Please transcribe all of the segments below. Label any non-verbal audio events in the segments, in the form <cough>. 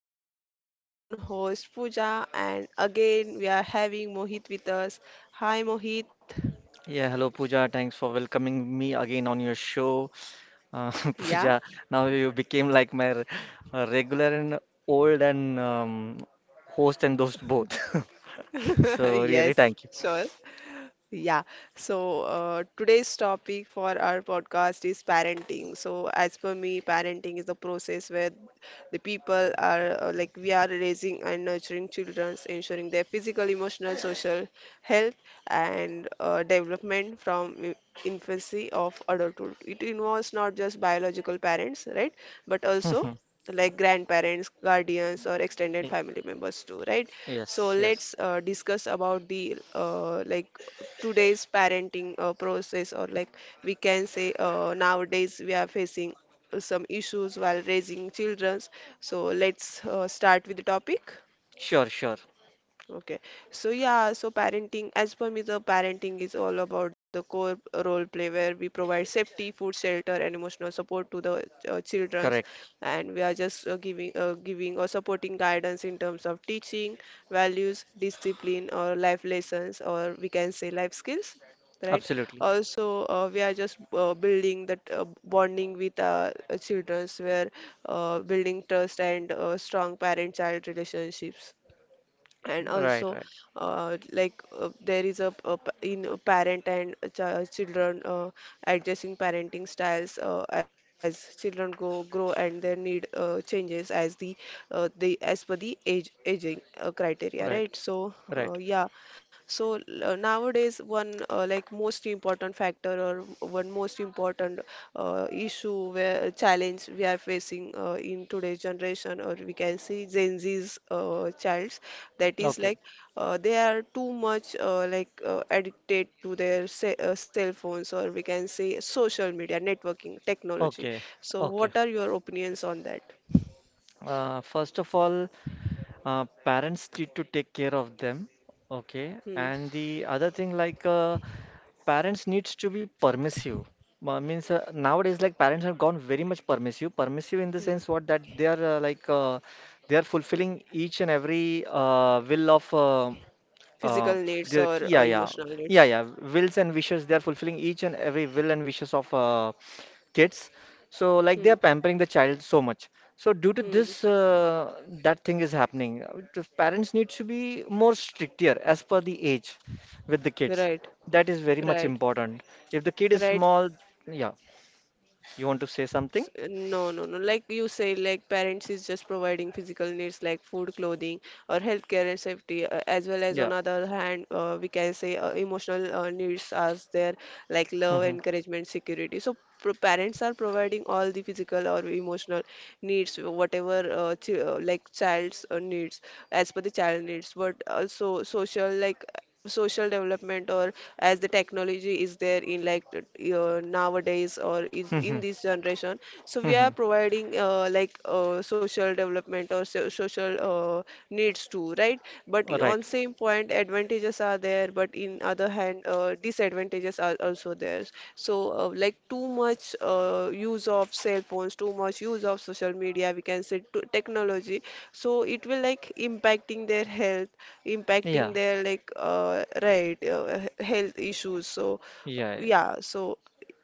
I'm your very own host Pooja and again we are having Mohit with us. Hi Mohit. Yeah, hello Pooja. Thanks for welcoming me again on your show. Uh, <laughs> Yeah? Pooja, now you became like my regular and old and host and host both. <laughs> <laughs> So really, Yes, thank you. sure. Yeah, so today's topic for our podcast is parenting. So, as per me, parenting is the process where the people are like we are raising and nurturing children, ensuring their physical, emotional, social health and development from infancy of adulthood. It involves not just biological parents, right, but <laughs> also Mhm. like grandparents, guardians, or extended Y- family members too, right? So Yes, yes. let's discuss about the today's parenting process or like we can say nowadays we are facing some issues while raising children, so let's start with the topic. Sure, sure. Okay. So yeah, so parenting, as per me, the parenting is all about the core role play where we provide safety, food, shelter, and emotional support to the childrens, Correct. and we are just giving or supporting guidance in terms of teaching, values, discipline, or life lessons, or we can say life skills. Right. Absolutely. Also, we are just building that bonding with childrens, where building trust and strong parent-child relationships, and Right, also right, there is a p- in a parent and a ch children, adjusting parenting styles as children go grow and their need changes as the as per the age aging criteria, right, right? So uh, right. yeah so nowadays one most important factor or one most important issue, where challenge we are facing in today's generation, or we can see Gen Z's childs, that is Okay, like they are too much addicted to their se cell phones, or we can say social media, networking, technology. okay, So okay. what are your opinions on that? First of all, parents need to take care of them. Okay, Hmm. and the other thing. Parents needs to be permissive. Means nowadays, like parents have gone very much permissive. Permissive in the Hmm. sense what, that they are they are fulfilling each and every will of uh, Physical needs the, or yeah, yeah, emotional yeah, needs? yeah. Wills and wishes, they are fulfilling each and every will and wishes of kids. So, like, Hmm. they are pampering the child so much. So, due to Hmm. this, that thing is happening. The parents need to be more stricter as per the age with the kids. Right. That is very much Right. important. If the kid is Right. small, yeah, you want to say something? No, no, no. Like you say, like parents is just providing physical needs like food, clothing, or healthcare and safety, as well as Yeah. on other hand, we can say emotional needs are there, like love, Mhm. encouragement, security. So pro parents are providing all the physical or emotional needs, whatever ch like child's needs, as per the child needs. But also social, like social development, or as the technology is there in like nowadays or is in Mhm. this generation, so we are Mhm. providing social development or so social needs too, right? But All right. on same point advantages are there, but in other hand disadvantages are also there. So like too much use of cell phones, too much use of social media, we can say to technology, so it will like impacting their health, Yeah. impacting their like health issues. So Yeah, yeah, yeah. yeah, so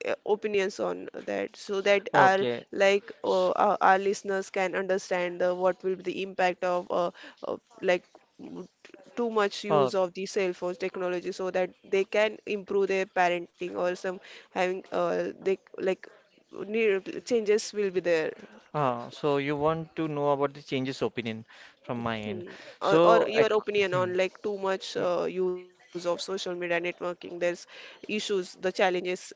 opinions on that, so that our Okay. S- our listeners can understand what will be the impact of like m- too much All use of the cell phones technology, so that they can improve their parenting, or some having they like need changes will be there. So you want to know about the changes opinion from my end. Hmm. Or So, I, your c- opinion hmm, on like too much mm, use of social media networking, there's issues, the challenges uh,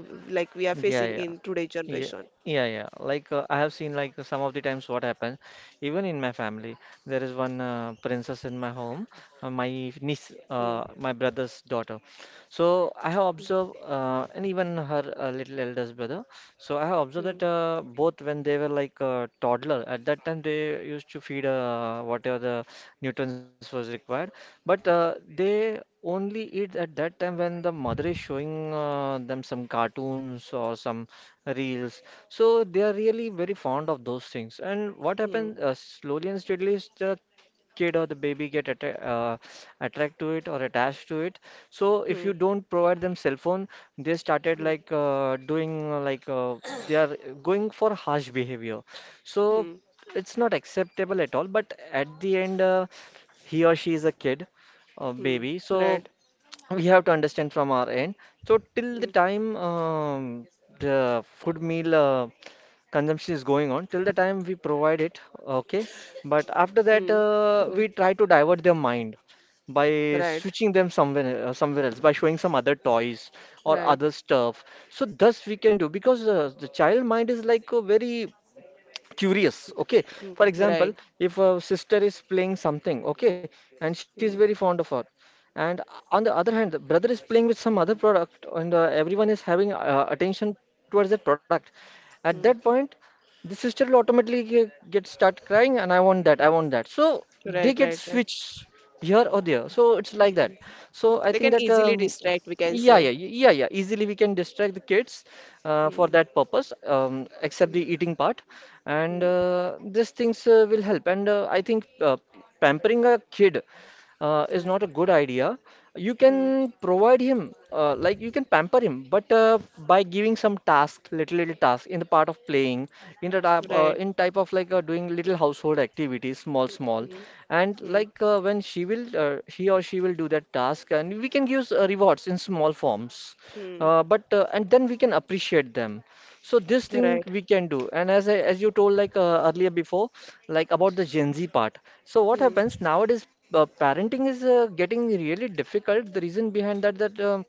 like we are facing yeah, in yeah. today generation. Yeah, yeah, yeah. Like I have seen, like, some of the times what happens. Even in my family, there is one princess in my home, my niece, Hmm. My brother's daughter. So I have observed, and even her little eldest brother. So I have Hmm. observed that both, when they were like toddler, at that time they used to feed whatever the newtons was required, but they only eat at that time when the mother is showing them some cartoons or some reels. So they are really very fond of those things. And what Hmm. happens, slowly and steadily, is the kid or the baby get atta attract to it or attached to it. So if Hmm. you don't provide them cell phone, they started Hmm. like doing like they are going for harsh behavior. So Hmm. it's not acceptable at all, but at the end, he or she is a kid, a Hmm. baby. So Right. <tsk> we have to understand from our end. So till the Hmm. time the food meal consumption is going on, till the time we provide it, okay. But after Hmm. that, Right. We try to divert their mind by Right. switching them somewhere, somewhere else, by showing some other toys or Right. other stuff. So thus we can do, because the child mind is like a very curious, okay. Hmm. For example, Right. if a sister is playing something, okay, and she's Hmm. very fond of her, and on the other hand the brother is playing with some other product and everyone is having attention towards that product, at Hmm. that point, the sister will automatically get start crying, and I want that, I want that. So they Right. get Right. Right. switched here or there. So it's like that. Hmm. So I They think can that easily distract, we can say. Easily we can distract the kids for Hmm. that purpose, except Hmm. the eating part, and Hmm. These things will help. And I think pampering a kid is Hmm. not a good idea. You Hmm. can provide him, like you can pamper him, but by giving some tasks, little little tasks in the part of playing, in the type, Right. in type of like doing little household activities, small small, Hmm. and Hmm. like when she will, he or she will do that task, and we can give rewards in small forms, Hmm. But and then we can appreciate them. So this thing Right. we can do. And as I, as you told like earlier before, like about the Gen Z part. So what Hmm. happens nowadays? Parenting is getting really difficult. The reason behind that, that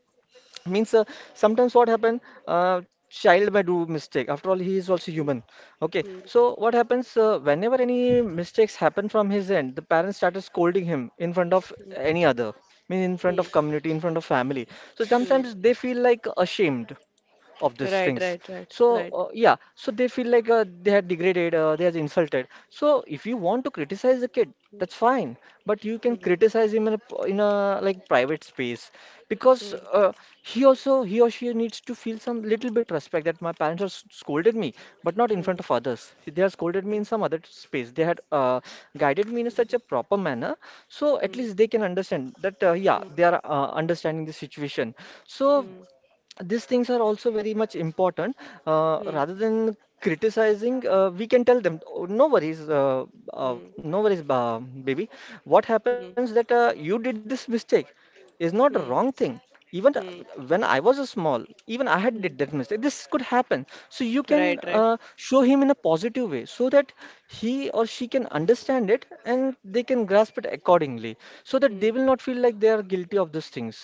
means sometimes what happen, child may do mistake, after all he is also Hmm. human, okay. Hmm. So what happens, whenever any mistakes happen from his end, the parents started scolding him in front of Hmm. any other, mean in front Hmm. of community, in front of family. So Hmm. sometimes they feel like ashamed of these things. Right. Right. So Right. Right. yeah, so they feel like they are degraded, they are insulted. So if you want to criticize the kid, that's fine, but you can Hmm. criticize him in a in a like private space, Hmm. because he also, he or she needs to feel some little bit respect, that my parents have scolded me, but not in Hmm. front of others. They have scolded me Hmm. in some other space. They had guided me in such a proper manner, so at Hmm. least they can understand that yeah, Hmm. they are understanding the situation. So Hmm. these things are also very much important. Hmm. Rather than criticizing, we can tell them, "Oh, no worries, Hmm. no worries, ba baby. What happens that you did this mistake is not a wrong Hmm. thing. Even Hmm. when I was small, even I had did Hmm. that mistake. This could happen." So you can Right. Right. show him in a positive way so that he or she can understand it and they can grasp it accordingly, so that Hmm. they will not feel like they are guilty of those things.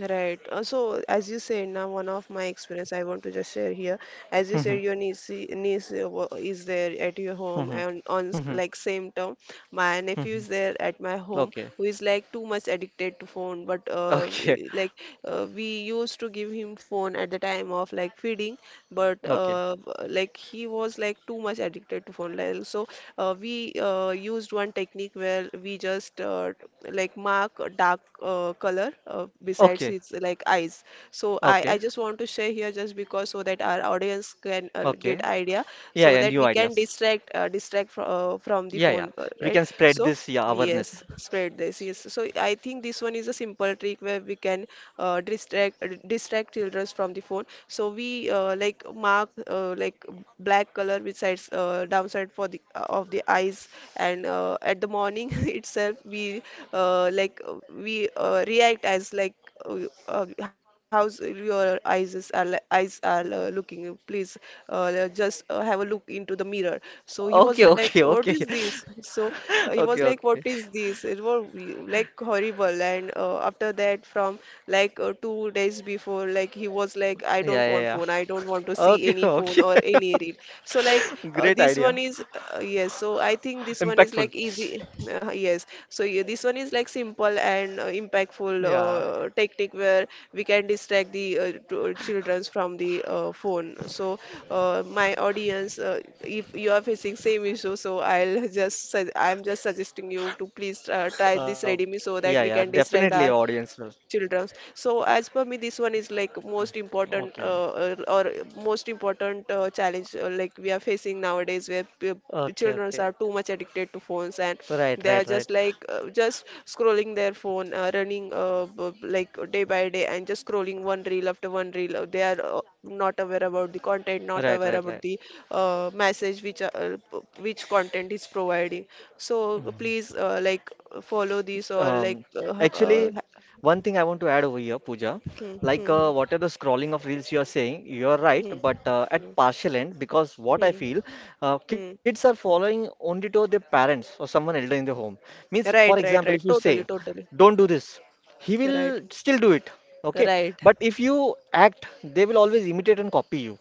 Right. So, as you said, now one of my experience I want to just share here. As you said, your niece is there at your home, and on like <laughs> same term, my nephew is Mhm. there at my home, Okay. who is like too much addicted to phone. But Okay. We used to give him phone at the time of like feeding, but Okay. Like he was like too much addicted to phone. Like, so we used one technique where we just like mark a dark color besides Okay. his like eyes. So I Okay. just want to share here just because so that our audience can get Okay. idea Yeah, so yeah, that new we can ideas. distract from the Yeah, yeah. phone, We right? can spread So this, yeah, yes, awareness. spread this. Yes, so I think this one is a simple trick where we can distract children from the phone. So we like mark black color which sides downside for the of the eyes, and at the morning <laughs> itself we react as like uh, how's your eyes is are, eyes are looking, please just have a look into the mirror. So he Okay, was like, okay, what okay. is <laughs> this? <laughs> So he was Okay, like, okay. what is this? It was like horrible, and after that from like 2 days before, like he was like, I Yeah, don't yeah, want yeah. phone, I don't want to see Okay, <laughs> any phone okay. or any reel. So like <laughs> Great this one idea. is yes, so I think this one is Impactful. like easy. Yes. So yeah, this one is like simple and impactful Yeah. Technique where we can distract the children from the phone. So my audience, if you are facing same issue, so I'm just suggesting you to please try this Uh, ready me so that yeah, we yeah. can distract Definitely our audience will. children. So as per me, this one is like most important uh, Okay. or or most important challenge like we are facing nowadays, where the Okay, children okay. are too much addicted to phones, and Right, they are right, just right. like just scrolling their phone, running b- b- like day by day, and just scrolling one reel after one reel. They are not aware about the content, not Right, aware right, about right. the message which which content is providing. So please follow this, or like Um, actually, one thing I want to add over here, Pooja, hmm, like hmm, hmm, whatever the scrolling of reels you are saying, you are right, hmm, but hmm, at partial end, because what I hmm, feel, kids hmm. are following only to their parents or someone elder in the home. Means, for Right, example, right, if you right, say, totally, totally. "Don't do this," he will Right, still do it. Okay, right. but if you act, they will always imitate and copy you.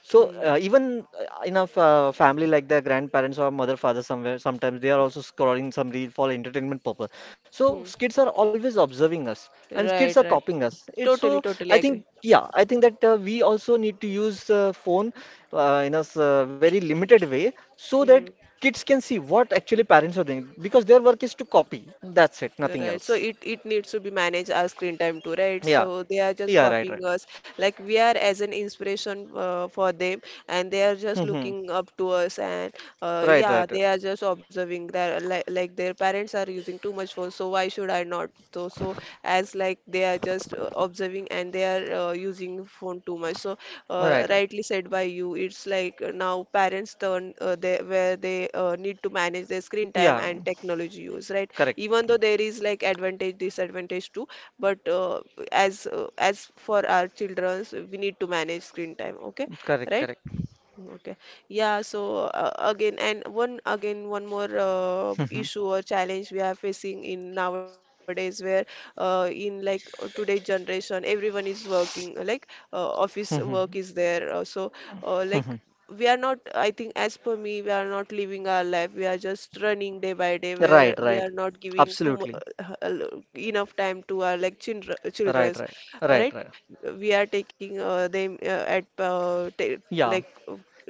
So Hmm. even in a family, like their grandparents or mother father somewhere, sometimes they are also scrolling some reel for entertainment purpose. So Hmm. kids are always observing us, and kids Right, are right. copying us. It's Totally, so totally I agree. think, yeah, I think that we also need to use phone in a very limited way, so that Hmm. kids can see what actually parents are doing, because their work is to copy. That's it, nothing Right. So else. it needs to be managed our screen time too, right? Yeah, So they are just yeah, right, copying right. us. Like we are as an inspiration for them, and they are Hmm, just hmm. looking up to us. And Right, yeah, right, right, they are just observing that like their parents are using too much phone, so why should I not? So so as like they are just observing and they are using phone too much. So right. Right. rightly said by you, it's like now parents turn, they, where they need to manage their screen time Yeah, and technology use, right? correct, Even though there is like advantage, disadvantage too, but as for our childrens we need to manage screen time, okay, correct, right. correct. Okay. Yeah, so again, one more Mhm, issue or challenge we are facing in nowadays, where in today's generation, everyone is working, like office work mhm, is there. So, like mhm. we are not, I think as per me, we are not living our life, we are just running day by day, where Right, we right. are not giving Absolutely. Enough time to our Right, children's, right, right, right? right. We are taking them at ta- like Yeah,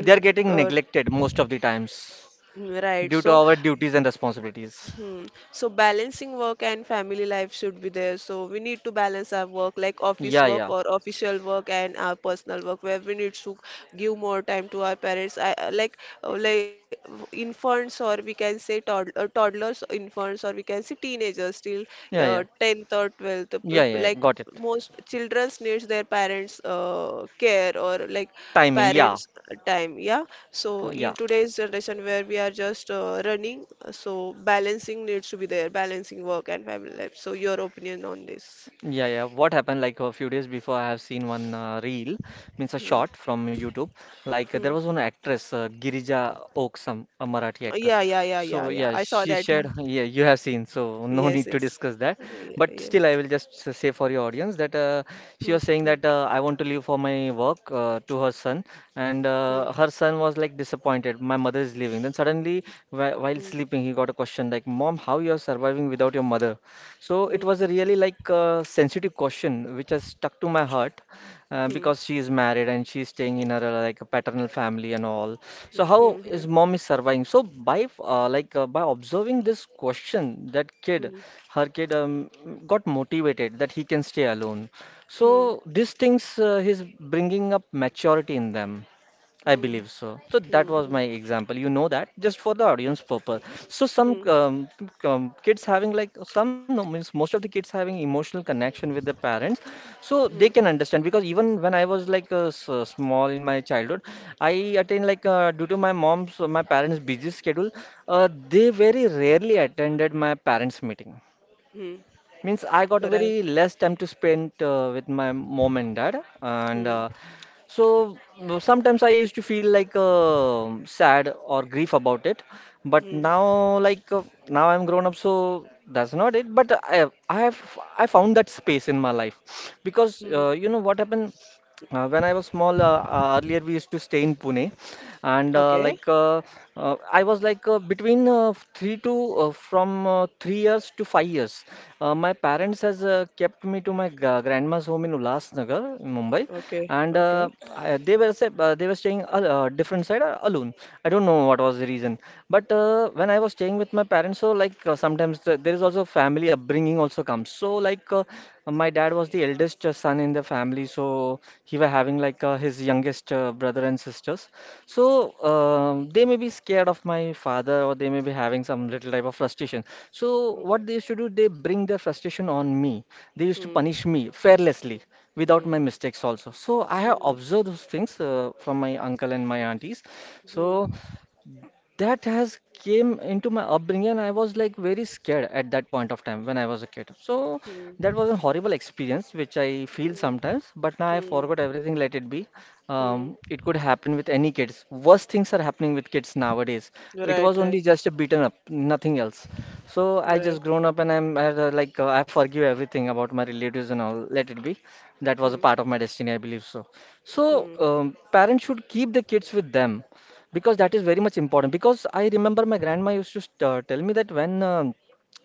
they are getting uh, neglected most of the times right due to so. our duties and responsibilities. Hmm. So balancing work and family life should be there. So we need to balance our work, like office Yeah, work yeah, or official work, and our personal work, where we need to give more time to our parents. I, like infants, or we can say toddlers, infants, or we can say teenagers, till yeah, yeah, 10th or 12th. Yeah, yeah. Like Got it. most childrens needs their parents' care or like Timing, yeah. parents time, yeah. So in Yeah. today's generation where we are just running, so balancing needs to be there, balancing work and family life. So your opinion on this? Yeah, yeah. What happened like a few days before, I have seen one reel, means a Hmm. short from YouTube. Like there Hmm. was one actress, Girija Oksam, a Marathi Oh, actress. yeah yeah yeah yeah So yeah, yeah, I saw she that. shared. <laughs> Yeah, you have seen, so no Yes, need to yes, discuss that. yeah, But yeah. still, I will just say for your audience that Hmm. she Hmm. was saying that I want to leave for my work to her son, and Hmm. Her son was like disappointed. My mother is leaving. Then suddenly, while Hmm. sleeping, he got a question like, "Mom, how you are surviving without your mother?" So Hmm. it was a really like sensitive question, which has stuck to my heart Hmm. because she is married and she's staying in her like a paternal family and all. Hmm. So how Hmm. is mom is surviving? So by by observing this question, that kid, Hmm. her kid got motivated that he can stay alone. Hmm. Hmm. So these things he's bringing up maturity in them. I believe so. So that Hmm. was my example, you know that, just for the audience purpose. So some Hmm. Kids having like some no, means most of the kids having emotional connection with their parents, so they Hmm. can understand. Because even when I was like small in my childhood, I attend like due to my mom's my parents' busy schedule, uh, they very rarely attended my parents' meeting. Hmm. Hmm. Means I got Right. very less time to spend with my mom and dad, and Hmm. So sometimes I used to feel like sad or grief about it. But Hmm. now, like now I'm grown up, so that's not it. But I found that space in my life because Hmm. You know what happened when I was small. Earlier we used to stay in Pune, and uh, Okay. like uh, uh, I was like between three to from 3 years to 5 years. My parents has kept me to my grandma's home in Ulhasnagar, in Mumbai, Okay. and Okay. I, they were sa- they were staying a different side alone. I don't know what was the reason, but when I was staying with my parents, so like sometimes there is also family upbringing also comes. So my dad was the eldest son in the family, so he was having like his youngest brother and sisters. So they may be scared of my father, or they may be having some little type of frustration. So Hmm. what they used to do, they bring their frustration on me. They used to Hmm. punish me fearlessly without Hmm. my mistakes also. So I have Hmm. observed those things from my uncle and my aunties. Hmm. So that has came into my upbringing, and I was like very scared at that point of time when I was a kid. So Hmm. that was a horrible experience which I feel Hmm. sometimes, but now I Hmm. forgot everything. Let it be. Hmm. It could happen with any kids. Worst things are happening with kids nowadays. Right. It was Right. only just a beaten up, nothing else. So I Right. just grown up, and I'm like I forgive everything about my relatives and all. Let it be. That Hmm. was a part of my destiny, I believe. So so Hmm. Parents should keep the kids with them, because that is very much important. Because I remember my grandma used to tell me that when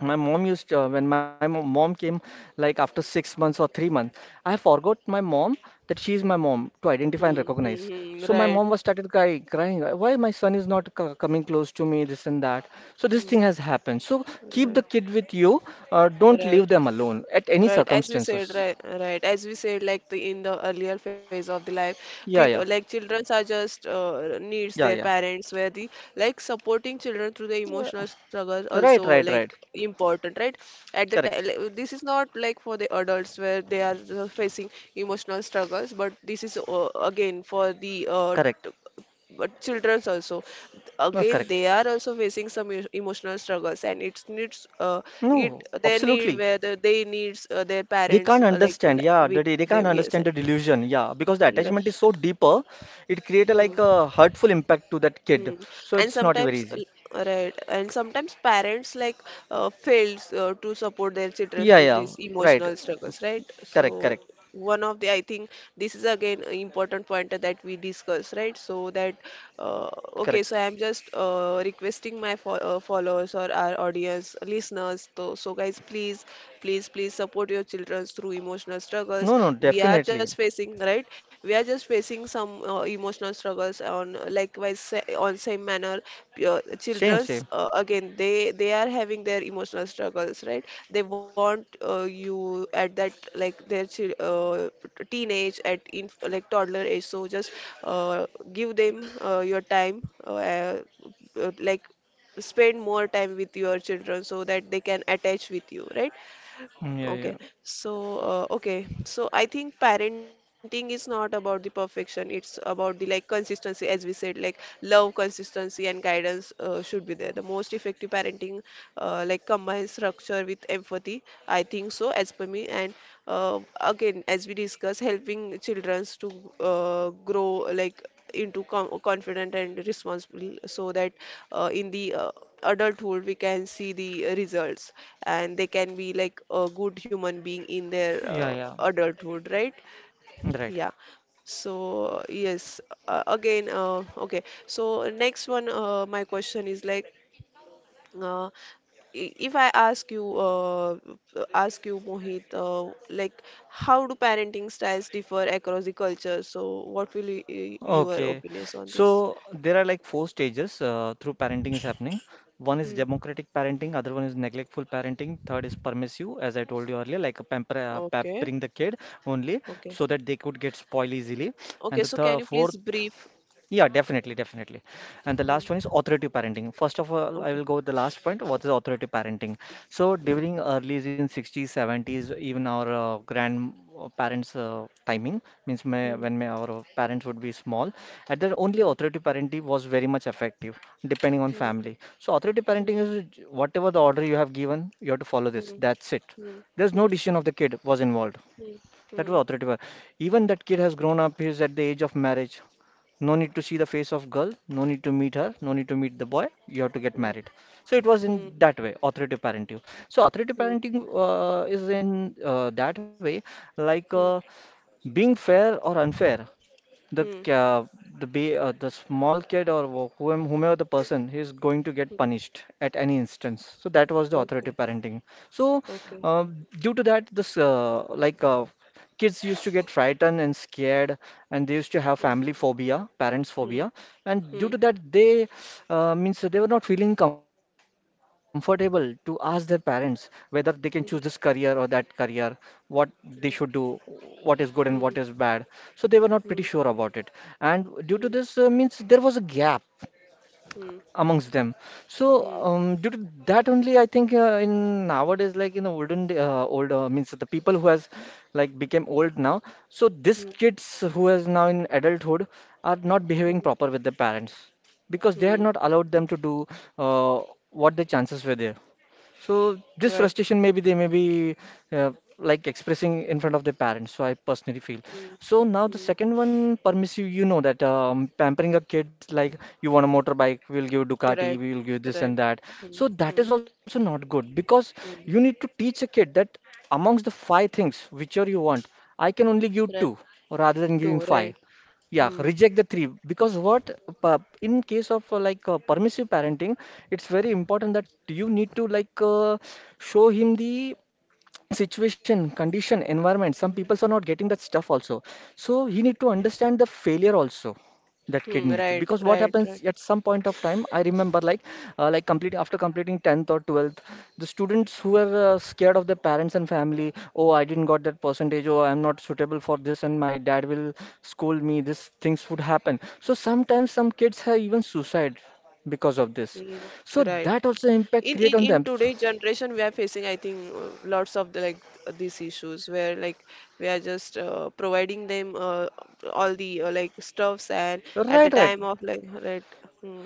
my mom used when my mom came like after 6 months or 3 months, I forgot my mom, that she is my mom, to identify and Hmm. recognize. Hmm. So Hmm. my mom Right. was started crying. Why my son is not coming close to me? This and that." So this Hmm. thing has happened. So keep the Right. kid with you. Don't Right. leave them alone at any Right, as we circumstances. said, right, right, as we said, like the earlier phase of the life, Yeah, people yeah, like children are just needs yeah, their yeah. parents, where the like supporting children through the Yeah. emotional struggles also Right, like right, right. important, right? At the time, Correct, like, this is not like for the adults where they are facing emotional struggles, but this is again for the correct, but childrens also again correct. they are also facing some emotional struggles and it needs it No, their need absolutely. where they needs their They parents can't like understand. Yeah, they, with they they can't them, yes, understand and the delusion. Yeah, because the you're attachment is right. so deeper, it create a Hmm. like a hurtful impact to that kid. Hmm. So And it's not very sometimes, easy. Right, and sometimes parents like fails to support their children Yeah, through yeah, these right. emotional struggles, right? Correct, So correct, one of the, I think this is again an important point that we discuss, right? So that, correct. okay, so I'm just requesting my fo followers or our audience, listeners, so, so guys, please, please, please support your children through emotional struggles. No, no, We are just definitely. facing, right? We are just facing some emotional struggles on likewise on same manner. Same, Children's same. Again they are having their emotional struggles, right? They want you at that like their teenage at in like toddler age. So just uh, give them your time, uh, like spend more time with your children so that they can attach with you, right? Yeah, Okay, yeah, so okay, so I think parenting is not about the perfection. It's about the like consistency, as we said, like love, consistency, and guidance should be there. The most effective parenting, like combines structure with empathy. I think so, as per me. And again, as we discuss, helping children to grow like into confident and responsible so that in the adulthood we can see the results and they can be like a good human being in their yeah, yeah. adulthood, right? Right. Yeah, so yes, again, okay, so next one, my question is like, uh, if I ask you, Mohit, like, how do parenting styles differ across the culture? So, what will you, your Okay, opinions on this? so there are like four stages through parenting is happening. One is Hmm. democratic parenting, other one is neglectful parenting, third is permissive, as I told you earlier, like a pampering Okay. the kid only, Okay. so that they could get spoiled easily. And the Okay. So th can you fourth. please brief? Yeah, definitely, definitely. And the last one is Hmm. authoritative parenting. First of all, I will Okay. go with the last point. What is authoritative parenting? So Hmm. during early in 60s, 70s, even our grandparents' timing, means Hmm. Our parents would be small, at their only Hmm. authoritative parenting was very much effective, depending on family. So authoritative parenting Hmm. is, whatever the order you have given, you have to follow this. Hmm. That's it. Hmm. There's no Hmm. decision of the kid was involved. Hmm. That was Hmm. authority figure. Even that kid has grown up, he's at the age of marriage. No need to see the face of girl, no need to meet her, no need to meet the boy. You have to get Hmm. Hmm. married. So it was in Hmm. that way, authoritative parenting. So authoritative parenting is in that way, like uh, Hmm. Hmm. being fair or unfair. The Hmm. ca- uh, the ba- The small kid, or whomever the person, he is going to get Hmm. punished at any instance. So that was the authoritative Okay. parenting. So Okay. uh, due to that, this like kids used to get frightened and scared, and they used to have Hmm. family phobia, parents phobia, Hmm. and due to Hmm. that, they means they were not feeling comfortable to ask their parents whether they can choose this career or Hmm. that career, what they should do, what is good and what is Hmm. bad. So they were not pretty sure Hmm. about it, and due to Hmm. this means there was a gap Hmm. amongst them. So Hmm. Due to that only, I think in nowadays, like in the olden day, old means the people who has like became old now. So these Hmm. kids who is now in adulthood are not behaving Hmm. proper with their parents, because they had not Hmm. allowed them to do uh, what the chances were there. So this Right. frustration maybe they may be uh, like expressing in front of their parents. So I personally feel. Hmm. So now the Hmm. second one, permissive, you know that, pampering a kid, like you want a motorbike, we'll give Ducati, Right. we'll give this and Right. that. So Hmm. that is Hmm. also not good, because you Hmm. need to teach a kid that amongst the five things whichever you want, I can only give Right. two, rather than giving Two. five. Right. Yeah, Hmm. reject the three, because in case of permissive parenting, it's very important that you need to show him the situation, condition, environment. Some people are not getting that stuff also. So he need to understand the failure also. That kid Hmm, need to, right, because what right, happens right. at some point of time, I remember like complete after completing 10th or 12th, the students who were scared of their parents and family, oh I didn't got that percentage, oh I'm not suitable for this, and my dad will scold me. These things would happen. So sometimes some kids have even suicide because of this. Mm, So right. that also impact In create in on in them. today's generation, we are facing, I think, lots of the, like these issues where like we are just providing them all the like stuffs, and at the Right, right. time of like right, hmm,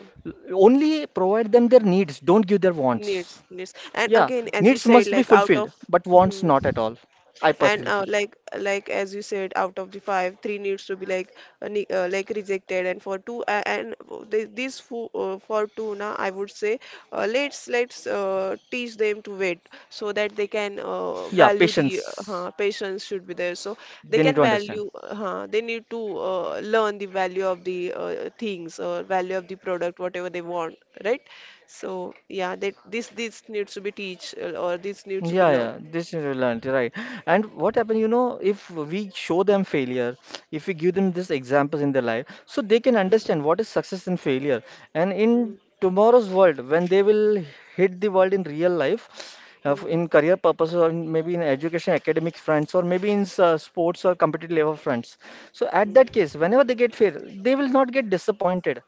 Only provide them their needs, don't give their wants. needs, needs, and Yeah, again as you needs said must be like out of fulfilled, but wants hmm, not at all. I and personally feel. Like as you said out of the five three needs to be like like rejected, and for two and these fo for two now I would say, let's teach them to wait so that they can Yeah, value the patience. Patience should be there, so they They can need to understand. value huh, they need to learn the value of the things or value of the product whatever they want, right? So yeah, that this needs to be teach or this needs to be Yeah, learned. yeah, this is relevant, right? And what happen, if we show them failure, if we give them this examples in their life, so they can understand what is success and failure. And Mm, in tomorrow's world, when they will hit the world in real life, mm. in career purposes, or maybe in education, academic fronts, or maybe in sports or competitive level fronts. So at Hmm, that case, whenever they get fail, they will not get disappointed.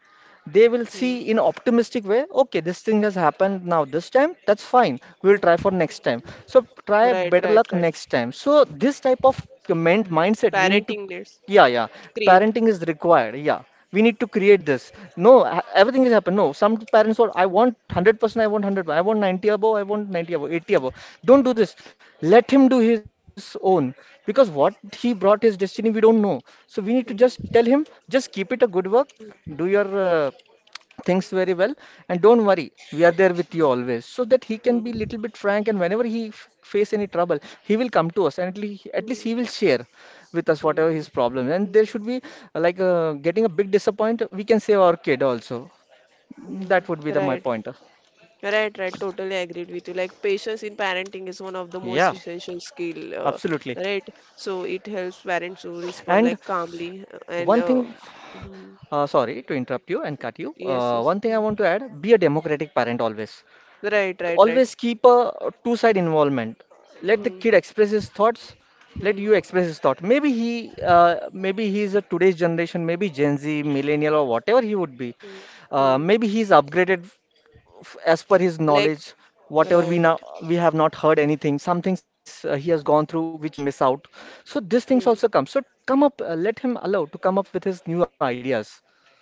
They will hmm, see in optimistic way, okay, this thing has happened now this time, that's fine, we will try hmm. for next time. So try Right, better right, luck right. next time. So this type of comment mindset we need to. Parenting needs Yeah, yeah, create. parenting is required. Yeah, we need to Hmm, create this. No, everything has happened. No, some parents want, I want 100%, I want 100, I want 90 above, I want 90 above, 80 above. Don't do this, let him do his own. Because what he brought his destiny, we don't know. So we need to just tell him, hmm, just keep it a good work, do your things very well, and don't worry, we are there with you always, so that he can be hmm, little bit frank, and whenever he face any trouble, he will come to us, and at least he hmm, will share with us whatever his hmm, problem. And there should be getting a big disappoint, we can save our kid also. hmm. That would be the my Right, pointer. right, right. Totally agreed with you. Like patience in parenting is one of the Yeah, most essential skill, absolutely. right? So it helps parents to respond And like calmly and one thing hmm, sorry to interrupt you and cut you. yes, yes. One thing I Hmm. want to add, be a democratic parent always, Right, right, right. always keep a two side involvement. Let the Hmm, kid express his thoughts, let you hmm, express his thought. Maybe he maybe he is a today's generation, maybe gen Z, millennial, or whatever he would be, hmm, hmm. maybe he's upgraded as per his Like, knowledge. Whatever we right. now, we have not heard anything, some things he has gone through which we have missed out. So these things Hmm. also come. So come up, let him allow to come up with his new ideas.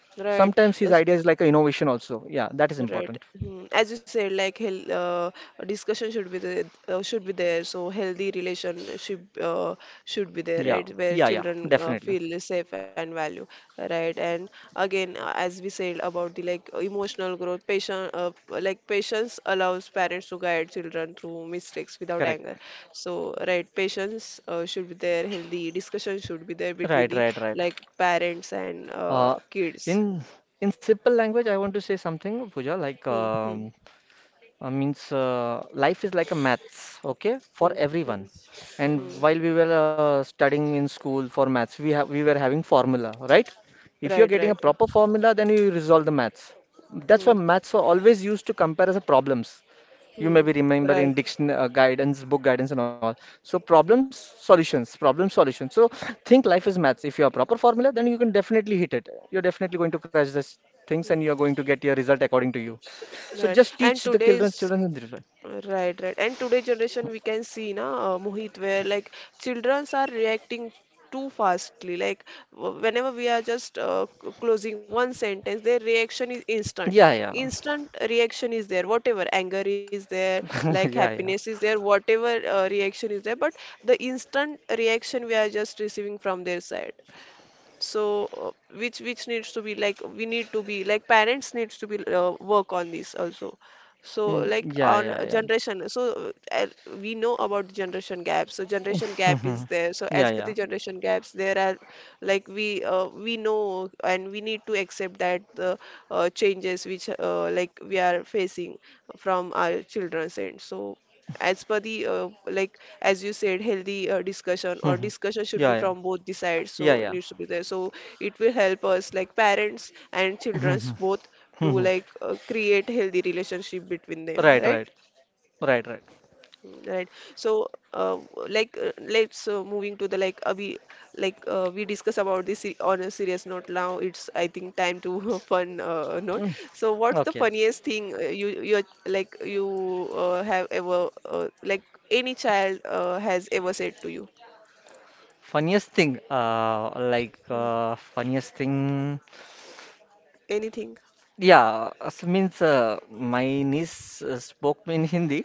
Sometimes Right. his idea Those- is like an innovation also. Yeah, that is important. Right. Hmm. As you said, like health, discussion should be there, should be there. So healthy relationship should be there, Yeah, right? Where yeah, yeah, children definitely, feel safe and value, right? And again, as we said about the like emotional growth, patient, like patience allows parents to guide children through mistakes without anger. correct. So right, patience should be there. Healthy discussion should be there between Right, the right, right. like parents and Uh, kids. in in simple language, I want to say something, Pooja. Like, Hmm. Hmm. Means Life is like a maths, okay, Hmm. for Hmm. everyone. And Hmm. while we were studying in school for maths, we were having formula, right? If you're Right, getting a right. proper formula, then you resolve the maths. That's why Hmm. maths are always used to compare as a problems. You may Hmm. be Right, remembering diction guidance book, guidance and all. So problems solutions, problem solutions. So think life is maths. If you have proper formula, then you can definitely hit it. You're definitely going to crash this things, and you're going to get your result according to you. So right. just And teach the children today's children in this way. right, right. And today generation we can see na Mohit, where like childrens are reacting too fastly. Like whenever we are just closing one sentence, their reaction is instant. Yeah, yeah. Instant reaction is there. Whatever anger is there, <laughs> like Yeah, yeah. happiness is there, whatever reaction is there. But the instant reaction we are just receiving from their side. So, which needs to be like, we need to be like parents needs to be work on this also. So Mm, like yeah, on a yeah, yeah. generation, so we know about the generation gap. So generation <laughs> gap is Mhm. there. So as Yeah, per the yeah. generation gaps, there are like we we know and we need to accept that the changes which like we are facing from our children's end. So as per the like as you said healthy discussion <laughs> or Mhm. discussion should be Yeah, yeah, from both the sides, yeah, so it yeah. needs to be there, so it will help us like parents and <laughs> children's Mhm. both to Mhm. like create healthy relationship between them, Right, right? right, right, right. Mm. Right. So, uh, like, let's moving to the like, we like we discuss about this on a serious note. Now it's, I think, time to <laughs> fun note. Mm, So, what's the okay. funniest thing you you like you have ever like any child has ever said to you? Funniest thing, Mm. Funniest thing, Anything? yeah. So means my niece spoke in Hindi.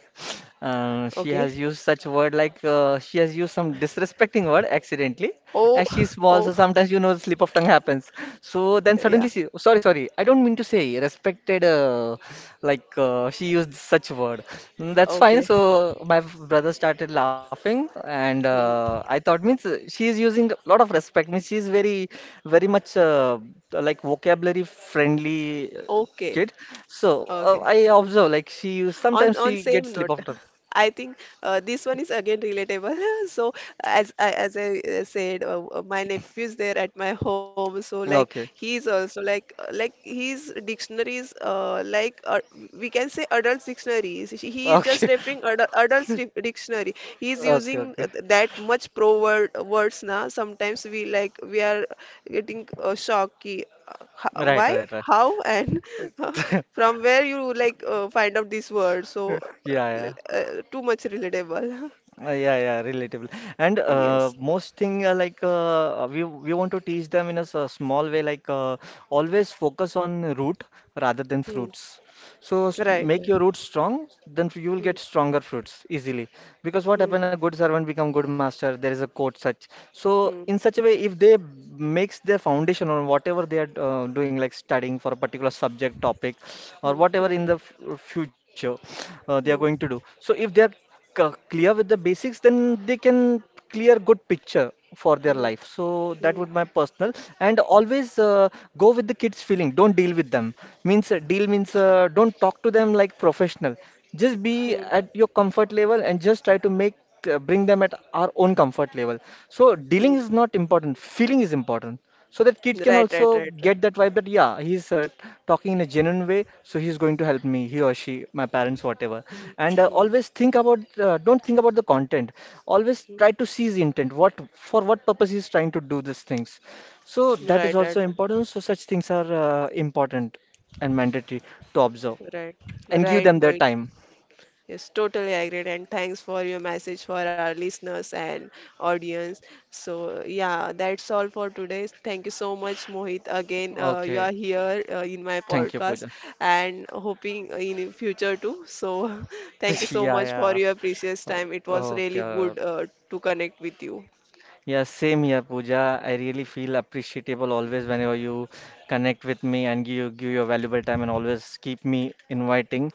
She Okay. has used such word, like, she has used some disrespecting word accidentally. Oh, As <laughs> she's small, oh, so sometimes, you know, slip of tongue happens. So then yeah. suddenly she, sorry, sorry, I don't mean to say, respected, she used such word. Mm, that's fine. Okay. So my brother started laughing, and Hmm. I thought, means she is using a lot of respect. Means she is very, very much like vocabulary friendly Okay. kid. So Okay. I observe like she on sometimes on she gets same slip note, of tongue. <laughs> I think this one is again relatable. <laughs> So as as I said, my nephew is there at my home, so like Okay, he's also like his dictionaries, like, we can say adult dictionaries, he is just okay, referring adults dictionary. He's <laughs> okay, using okay. That much pro word, words. Now sometimes we like we are getting shocked ki, Right, why, right, right. how, and <laughs> <laughs> from where you like find out this word. So Yeah, uh, yeah. Too much relatable. Yeah, yeah, relatable. And <laughs> Yes. most thing, we want to teach them in a small way, always focus on root rather than Hmm. fruits. So Right, right. make your roots strong, then you will Hmm. get stronger fruits easily. Because what Hmm. happened, a good servant become good master. There is a quote such. So Hmm. in such a way, if they makes their foundation on whatever they are doing, like studying for a particular subject, topic, Hmm. or whatever Hmm. in the f future they are going to Hmm. do. So if they are clear with the basics, then they can clear good picture for their Hmm. life. So that Hmm. would my personal. And always go with the kids feeling, don't deal with them, means deal means don't talk to them like professional, just be Hmm. at your comfort level, and just try to make bring them at our own comfort level. So dealing Hmm. is not important, feeling is important. So that kid can Right, right, also right, right. get that vibe that, yeah, he's talking in a genuine way, so he's going to help me, he or she, my parents, whatever. Hmm. And Hmm. always think about don't think about the content, always Hmm. try to see his intent, what for what purpose he's trying to do these things. So that is Right, right. also important. So such things are important and mandatory to observe, Right, and give right, them their Mohit. time. Yes, totally agreed. And thanks for your message for our listeners and audience. So, yeah, that's all for today. Thank you so much, Mohit. Again, you Okay, are here in my thank you, Pooja. podcast and hoping in future too. So, <laughs> thank you <laughs> so Yeah, much for yeah. your precious O- time. It was really Okay. good to connect with you. Yeah, same here, Pooja. I really feel appreciable always whenever you connect with me and give your valuable time, and always keep me inviting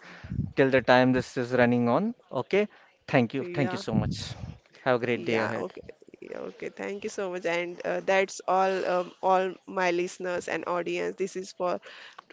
till the time this is running on. Okay. Thank you. Thank Yeah, you so much. Have a great day yeah, ahead. okay. Yeah, okay, thank you so much. And that's all, all my listeners and audience. This is for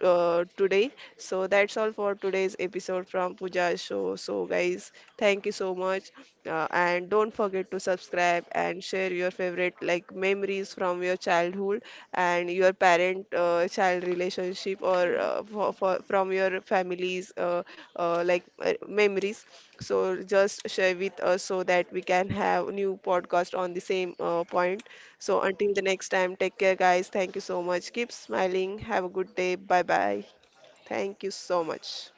today. So that's all for today's episode from Pooja show. So guys, thank you so much. And don't forget to subscribe and share your favorite like memories from your childhood and your parent child relationship or from your family's like memories. So just share with us so that we can have new podcast on the same point. So until the next time, take care, guys. Thank you so much. Keep smiling. Have a good day. Bye bye. Thank you so much.